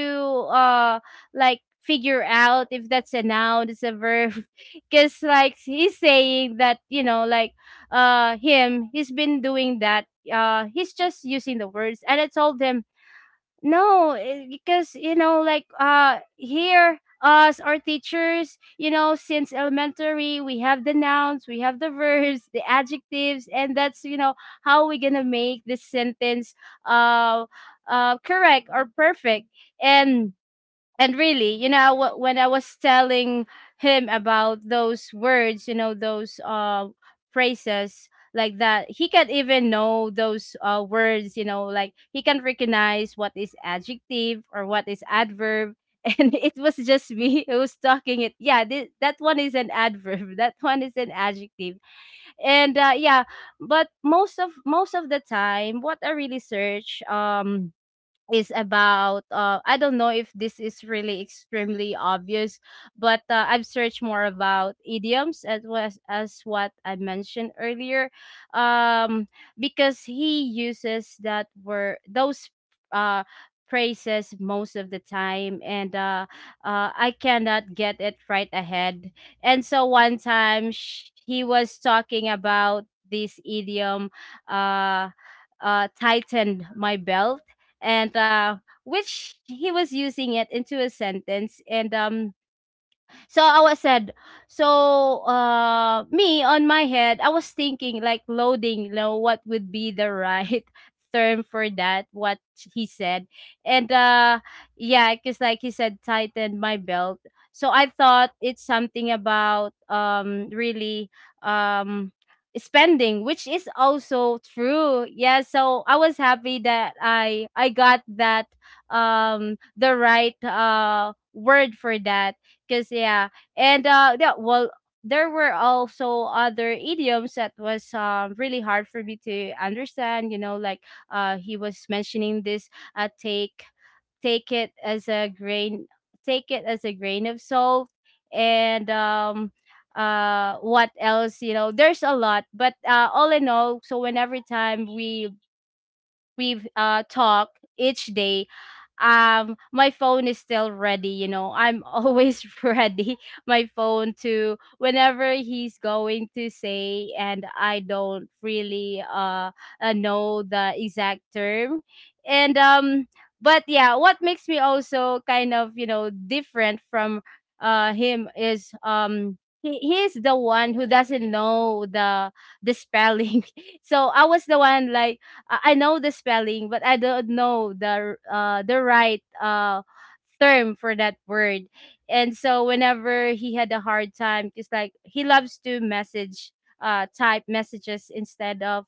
uh like figure out if that's a noun, it's a verb? Because like he's saying that, you know, like uh him he's been doing that. Uh he's just using the words. And I told him, no, eh, because you know, like uh here us, our teachers, you know, since elementary, we have the nouns, we have the verbs, the adjectives, and that's, you know, how we're gonna make this sentence uh uh correct or perfect. And and really, you know, wh- when I was telling him about those words, you know, those uh phrases like that, he can even know those uh words, you know, like he can recognize what is adjective or what is adverb. And it was just me who was talking it, yeah, thi- that one is an adverb, that one is an adjective. And uh yeah, but most of most of the time what I really search um is about uh I don't know if this is really extremely obvious, but uh, I've searched more about idioms, as was as what I mentioned earlier, um because he uses that word, those uh phrases most of the time. And uh, uh I cannot get it right ahead. And so one time, sh- he was talking about this idiom uh uh tightened my belt. And uh, which he was using it into a sentence. And um, so I was said, so uh me on my head, I was thinking like loading, you know, what would be the right term for that, what he said. And uh yeah, because like he said, tightened my belt. So I thought it's something about um really um spending, which is also true. Yeah, so I was happy that i i got that um the right uh word for that. Cause yeah, and uh, yeah, well, there were also other idioms that was um really hard for me to understand. You know, like uh, he was mentioning this uh take take it as a grain take it as a grain of salt. And um uh what else? You know there's a lot, but uh all in all, so whenever time we we've uh talked each day, um my phone is still ready, you know, I'm always ready my phone to whenever he's going to say, and I don't really uh, uh know the exact term. And um but yeah, what makes me also kind of, you know, different from uh him is um he, he's the one who doesn't know the the spelling. So I was the one like, I I know the spelling, but I don't know the uh the right uh term for that word. And so whenever he had a hard time, it's like he loves to message uh type messages instead of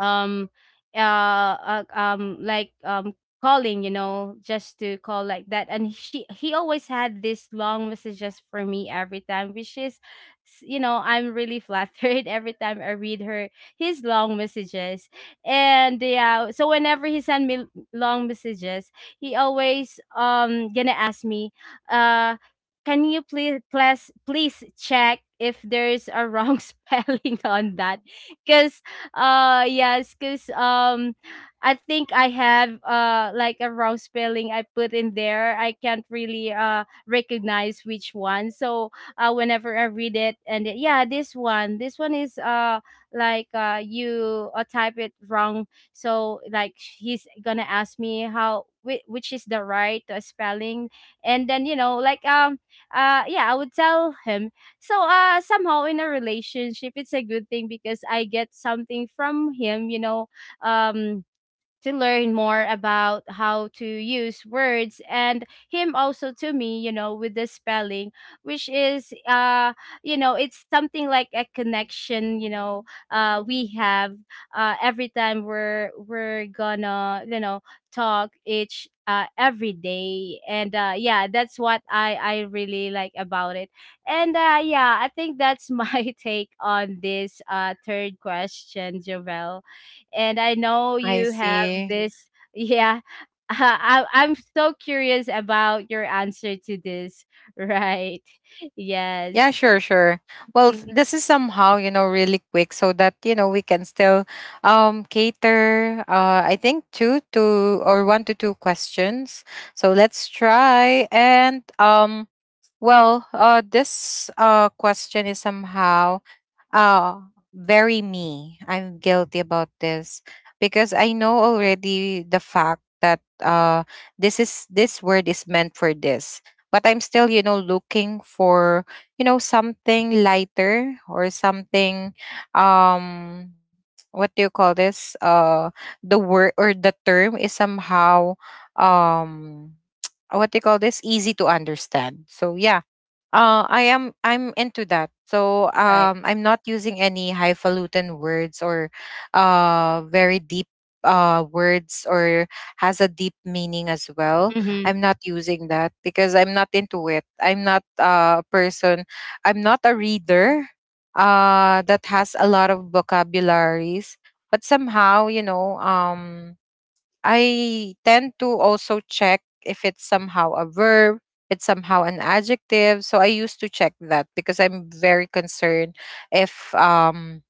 um uh, uh um like um calling, you know, just to call like that. And she he always had this long messages for me every time, which is s- you know, I'm really flattered. Every time I read her his long messages. And yeah, so whenever he sent me l- long messages, he always um gonna ask me, uh can you please please please check if there's a wrong spelling on that? Because uh yes, because um I think I have uh like a wrong spelling I put in there. I can't really uh recognize which one. So uh whenever I read it, and it- yeah, this one, this one is uh like uh you uh, type it wrong. So like he's gonna ask me how, whi- which is the right uh, spelling. And then, you know, like um uh yeah, I would tell him. So uh somehow in a relationship, it's a good thing because I get something from him, you know, um to learn more about how to use words, and him also to me, you know, with the spelling, which is uh you know, it's something like a connection, you know, uh we have uh every time we're we're gonna, you know, talk each uh, every day. And uh, yeah, that's what I, I really like about it. And uh, yeah, I think that's my take on this uh, third question, Jovel. And I know
I
you have
see.
this. Yeah, I, I'm so curious about your answer to this. Right?
Yeah,
Yes.
sure, sure. Well, s-
Mhm.
this is somehow, you know, really quick so that, you know, we can still um cater uh I think two to, or one to two questions. So let's try. And um well, uh this uh question is somehow, oh, very me. I'm guilty about this because I know already the fact that uh this is this word is meant for this. But I'm still, you know, looking for, you know, something lighter or something, um what do you call this, Uh the word or the term is somehow, um what do you call this, easy to understand. So yeah, uh, I am I'm into that. So
Right.
um, I'm not using any highfalutin words or uh, very deep uh, words or has a deep meaning as well.
Mm-hmm.
I'm not using that because I'm not into it. I'm not uh, a person. I'm not a reader uh, that has a lot of vocabularies. But somehow, you know, um, I tend to also check if it's somehow a verb, it's somehow an adjective. So I used to check that because I'm very concerned if um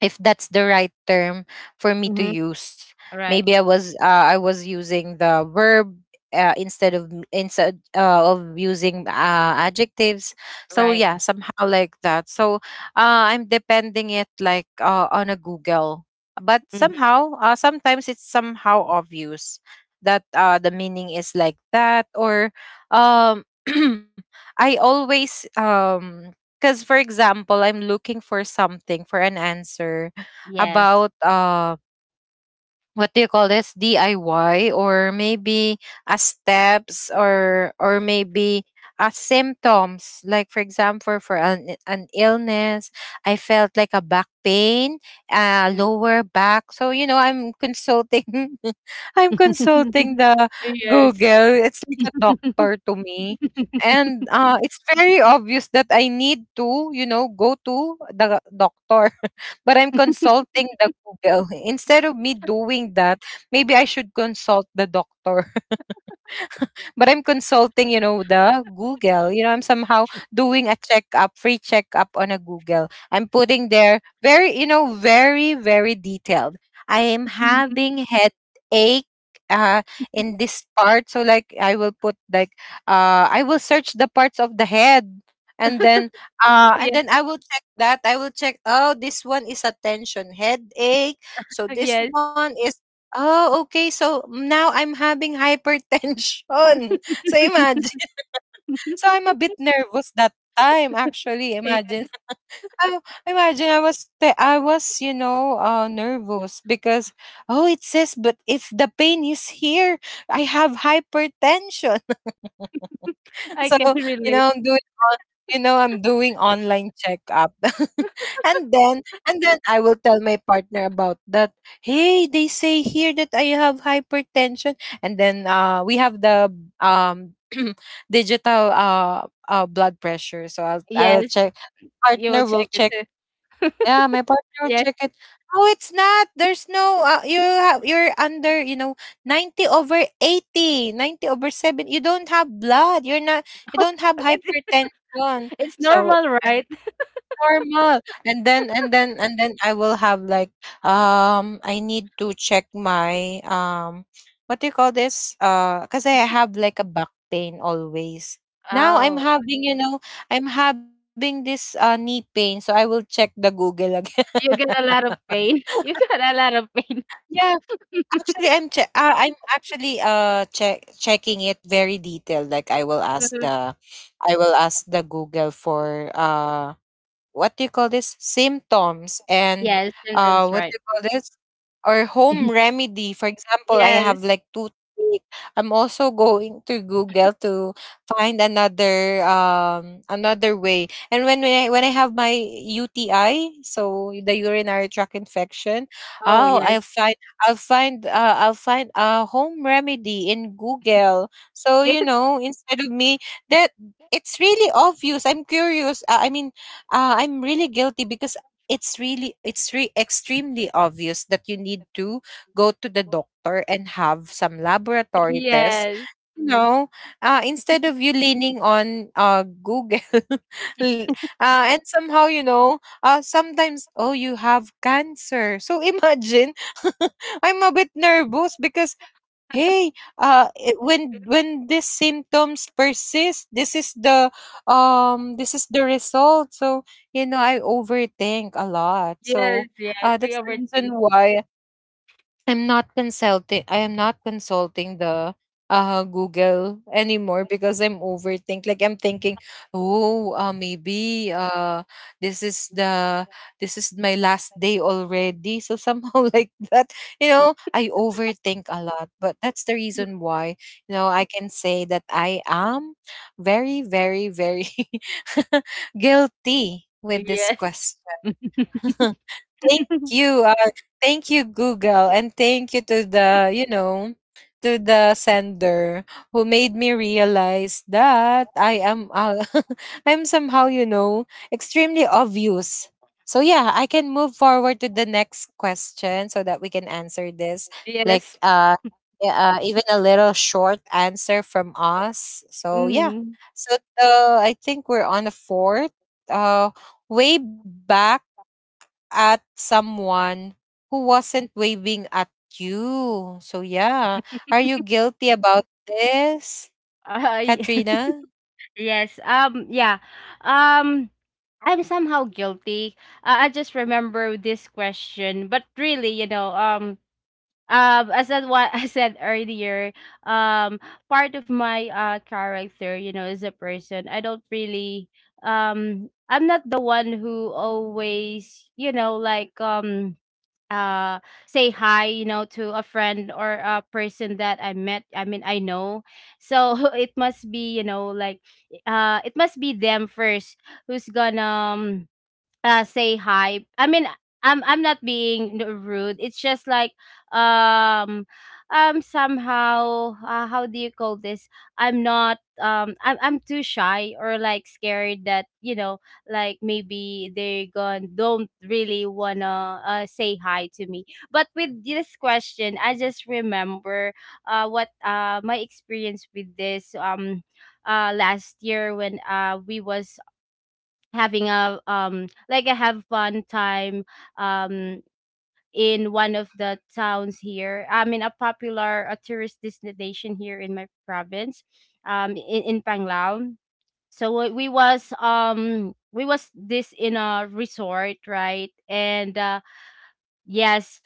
if that's the right term for me to
Mm-hmm.
use.
Right.
Maybe I was uh, I was using the verb uh, instead of m- instead uh, of using uh, adjectives. So
Right.
yeah, somehow like that. So uh, I'm depending it, like, uh, on a Google, but
Hmm.
somehow uh, sometimes it's somehow obvious that uh, the meaning is like that, or um I always um because for example I'm looking for something for an answer
Yes.
about uh what do you call this, D I Y, or maybe a steps, or or maybe a symptoms, like for example for an, an illness. I felt like a back pain, uh
Mhm.
lower back. So you know, I'm consulting I'm consulting the
Yes.
Google. It's like a doctor to me, and uh it's very obvious that I need to, you know, go to the doctor, but I'm consulting the Google. Instead of me doing that, maybe I should consult the doctor, but I'm consulting, you know, the Google. You know, I'm somehow doing a checkup, free checkup on a Google. I'm putting there very, you know, very, very detailed. I am having headache uh in this part. So like I will put like uh I will search the parts of the head, and then uh
Yes.
and
Yes.
then I will check that. I will check, oh, this one is a tension headache. So this one is, oh, okay. So now I'm having hypertension. So imagine. So I'm a bit nervous that time actually.
Yeah,
Imagine. I, imagine I was te- I was, you know, uh nervous because, oh, it says, but if the pain is here, I have hypertension.
I
So
can
you
relate.
know, I'm doing on, you know, I'm doing online checkup, and then and then I will tell my partner about that. Hey, they say here that I have hypertension, and then uh, we have the um digital uh, uh blood pressure. So I'll I'll
Yes,
check.
you will
Partner will
check it
check,
too.
yeah, my partner would
Yes.
check it. No, it's not. There's no uh, you have, you're under, you know, ninety over eighty, ninety over seven. You don't have blood. You're not you don't have
It's,
hypertension.
it's
So
normal, right?
normal. And then and then and then I will have like um I need to check my um what do you call this? Uh cuz I have like a back pain always. Now I'm
Oh,
having, you know, I'm having this uh, knee pain, so I will check the Google again.
you get a lot of pain. You get a lot of pain.
Yeah, actually, I'm che- uh, I'm actually uh check checking it very detailed. Like I will ask the, I will ask the Google for uh what do you call this symptoms and
Yes,
uh
symptoms,
what do
right.
you call this or home remedy. For example, I have
Yes.
like toothache. I'm also going to Google to find another um another way. And when when I, when I have my U T I, so the urinary tract infection.
Oh,
oh i'll
yes.
find I'll find uh, I'll find a home remedy in Google, so, you
Yes.
know, instead of me that, it's really obvious. I'm curious, uh, I mean, uh, I'm really guilty because it's really it's re- extremely obvious that you need to go to the doctor and have some laboratory tests.
Yes.
You know, uh, instead of you leaning on uh, Google, l- uh, and somehow, you know, uh, sometimes, oh, you have cancer. So imagine, I'm a bit nervous because, hey, uh, it- when when these symptoms persist, this is the um this is the result. So, you know, I overthink a lot.
Yes,
So
yes.
uh,
We
that's the reason
overthink.
why I'm not consulting I am not consulting the uh Google anymore, because I'm overthink, like I'm thinking, oh, uh, maybe uh this is the this is my last day already, so somehow, like that. You know, I overthink a lot, but that's the reason why, you know, I can say that I am very, very, very guilty with this
Yes.
question. Thank you. Uh, thank you, Google, and thank you to the, you know, to the sender who made me realize that I am uh, I'm somehow, you know, extremely obvious. So yeah, I can move forward to the next question so that we can answer this like
Yes.
uh, e- uh even a little short answer from us. So yeah.
Mhm.
So uh, I think we're on a fourth uh way back at someone who wasn't waving at you. So yeah, are you guilty about this,
I
Katrina?
yes. Um yeah. Um I'm somehow guilty. Uh, I just remember this question, but really, you know, um um as I, what I said earlier, um part of my uh character, you know, as a person, I don't really um I'm not the one who always, you know, like um uh say hi, you know, to a friend or a person that I met. I mean I know. So it must be, you know, like uh it must be them first who's gonna um, uh say hi. I mean, i'm i'm not being n- rude. It's just like um um somehow, uh, how do you call this? I'm not um I'm, I'm too shy or like scared that, you know, like maybe they gone don't really wanna uh, say hi to me. But with this question, I just remember uh what uh my experience with this um uh last year when uh we was having a um like I have one time um in one of the towns here. I mean a popular, a tourist destination here in my province, um in, in Panglao. So we we was um we was this in a resort, right? And uh yes,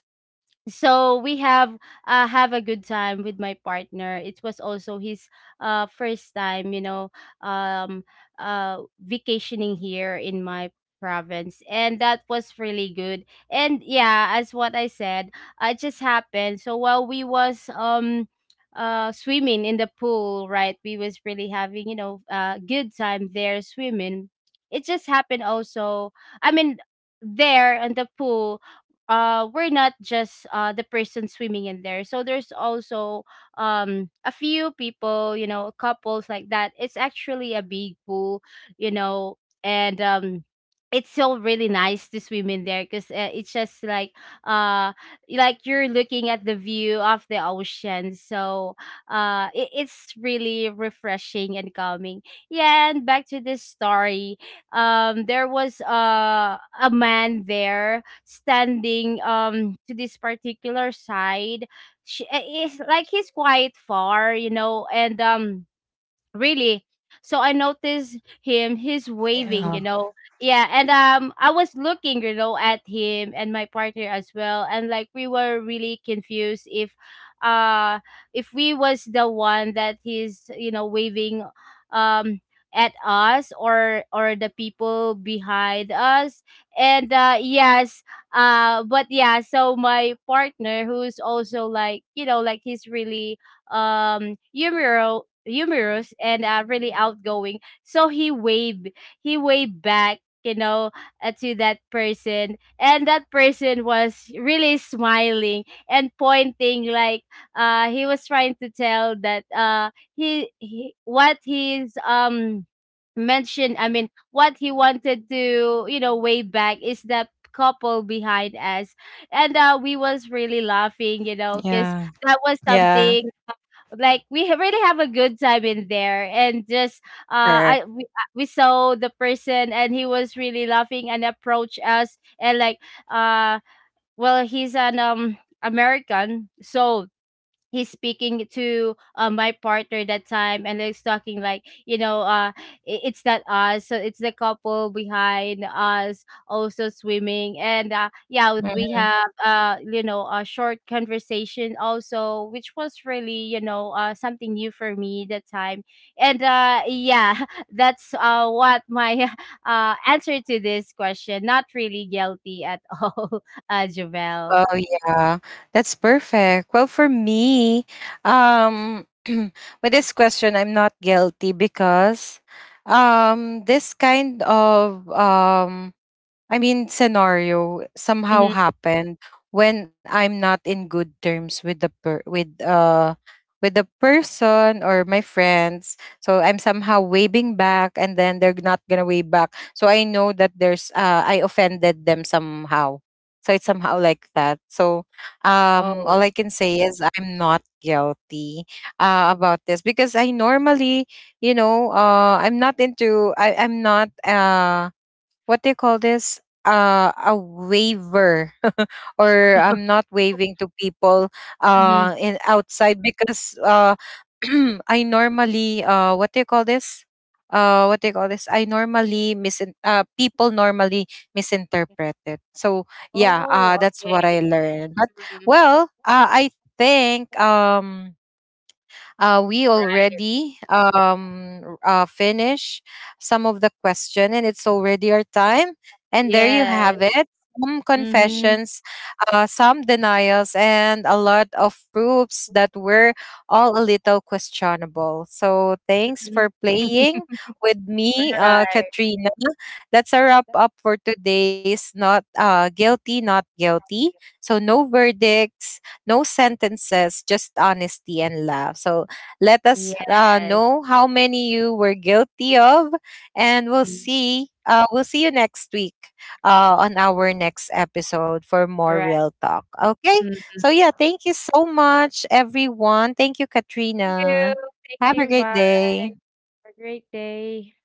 so we have uh, have a good time with my partner. It was also his uh, first time, you know, um uh vacationing here in my province, and that was really good. And yeah, as what I said, uh, it just happened. So while we was um uh swimming in the pool, right, we was really having, you know, uh good time there swimming. It just happened also, I mean, there in the pool, uh we're not just uh the person swimming in there. So there's also um a few people, you know, couples like that. It's actually a big pool, you know, and um it's still really nice to swim in there because, uh, it's just like uh like you're looking at the view of the ocean. So uh it, it's really refreshing and calming. Yeah, and back to this story, um there was uh, a man there standing um to this particular side. She, eh, it's like he's quite far, you know, and um really? So I noticed him, he's
Yeah.
waving, you know. Yeah, and um I was looking, you know, at him and my partner as well. And like we were really confused if uh if we was the one that he's, you know, waving um at us, or or the people behind us. And uh yes, uh but yeah, so my partner, who's also like, you know, like he's really um humorous humorous and, uh, really outgoing. So he waved he waved back, you know, uh, to that person. And that person was really smiling and pointing like uh he was trying to tell that uh he, he what he's um mentioned, I mean what he wanted to, you know, way back is that couple behind us. And uh we was really laughing, you know,
Yeah.
because that was
Yeah.
something like we ha- really have a good time in there. And just
Correct.
uh I we, uh, we saw the person, and he was really laughing and approached us. And like uh well, he's an um American, so he's speaking to, uh, my partner that time, and he's talking like, you know, uh i- it's not us, so it's the couple behind us also swimming. And uh, yeah, we
Mhm.
have uh you know, a short conversation also, which was really, you know, uh something new for me that time. And uh yeah, that's uh what my uh answer to this question, not really guilty at all. uh Javel.
Oh yeah, that's perfect. Well, for me, um, with this question, I'm not guilty because, um, this kind of um I mean, scenario somehow
Hmm.
happened when I'm not in good terms with the per- with uh with the person or my friends. So I'm somehow waving back, and then they're not gonna wave back. So I know that there's uh I offended them somehow. So it's somehow like that. So um,
Oh.
all I can say is I'm not guilty uh, about this because I normally, you know, uh, I'm not into I I'm not uh what do you call this? Uh, a waiver, or I'm not waving to people
Hmm.
uh in outside because uh I normally uh what do you call this? Uh, what do you call this? I normally misin uh people normally misinterpret it. So yeah,
Oh,
uh, that's what I
okay.
learned. But
Mhm.
well, uh, I think um uh, we
Right.
already um, r- uh, finish some of the question, and it's already our time. And there you
Yes.
have it. Some
Mm-hmm.
confessions, uh, some denials, and a lot of proofs that were all a little questionable. So thanks
Mhm.
for playing with me, uh,
Right.
Katrina. That's a wrap up for today's not uh, guilty, not guilty. So no verdicts, no sentences, just honesty and love. So let us uh,
Yes.
know how many you were guilty of, and we'll
Mm.
see. Uh, we'll see you next week uh, on our next episode for more
Right.
real talk. Okay.
Mm.
So yeah, thank you so much, everyone. Thank you,
Thank you.
Katrina.
Thank
Have a
you.
great
Bye.
day.
Have a great day.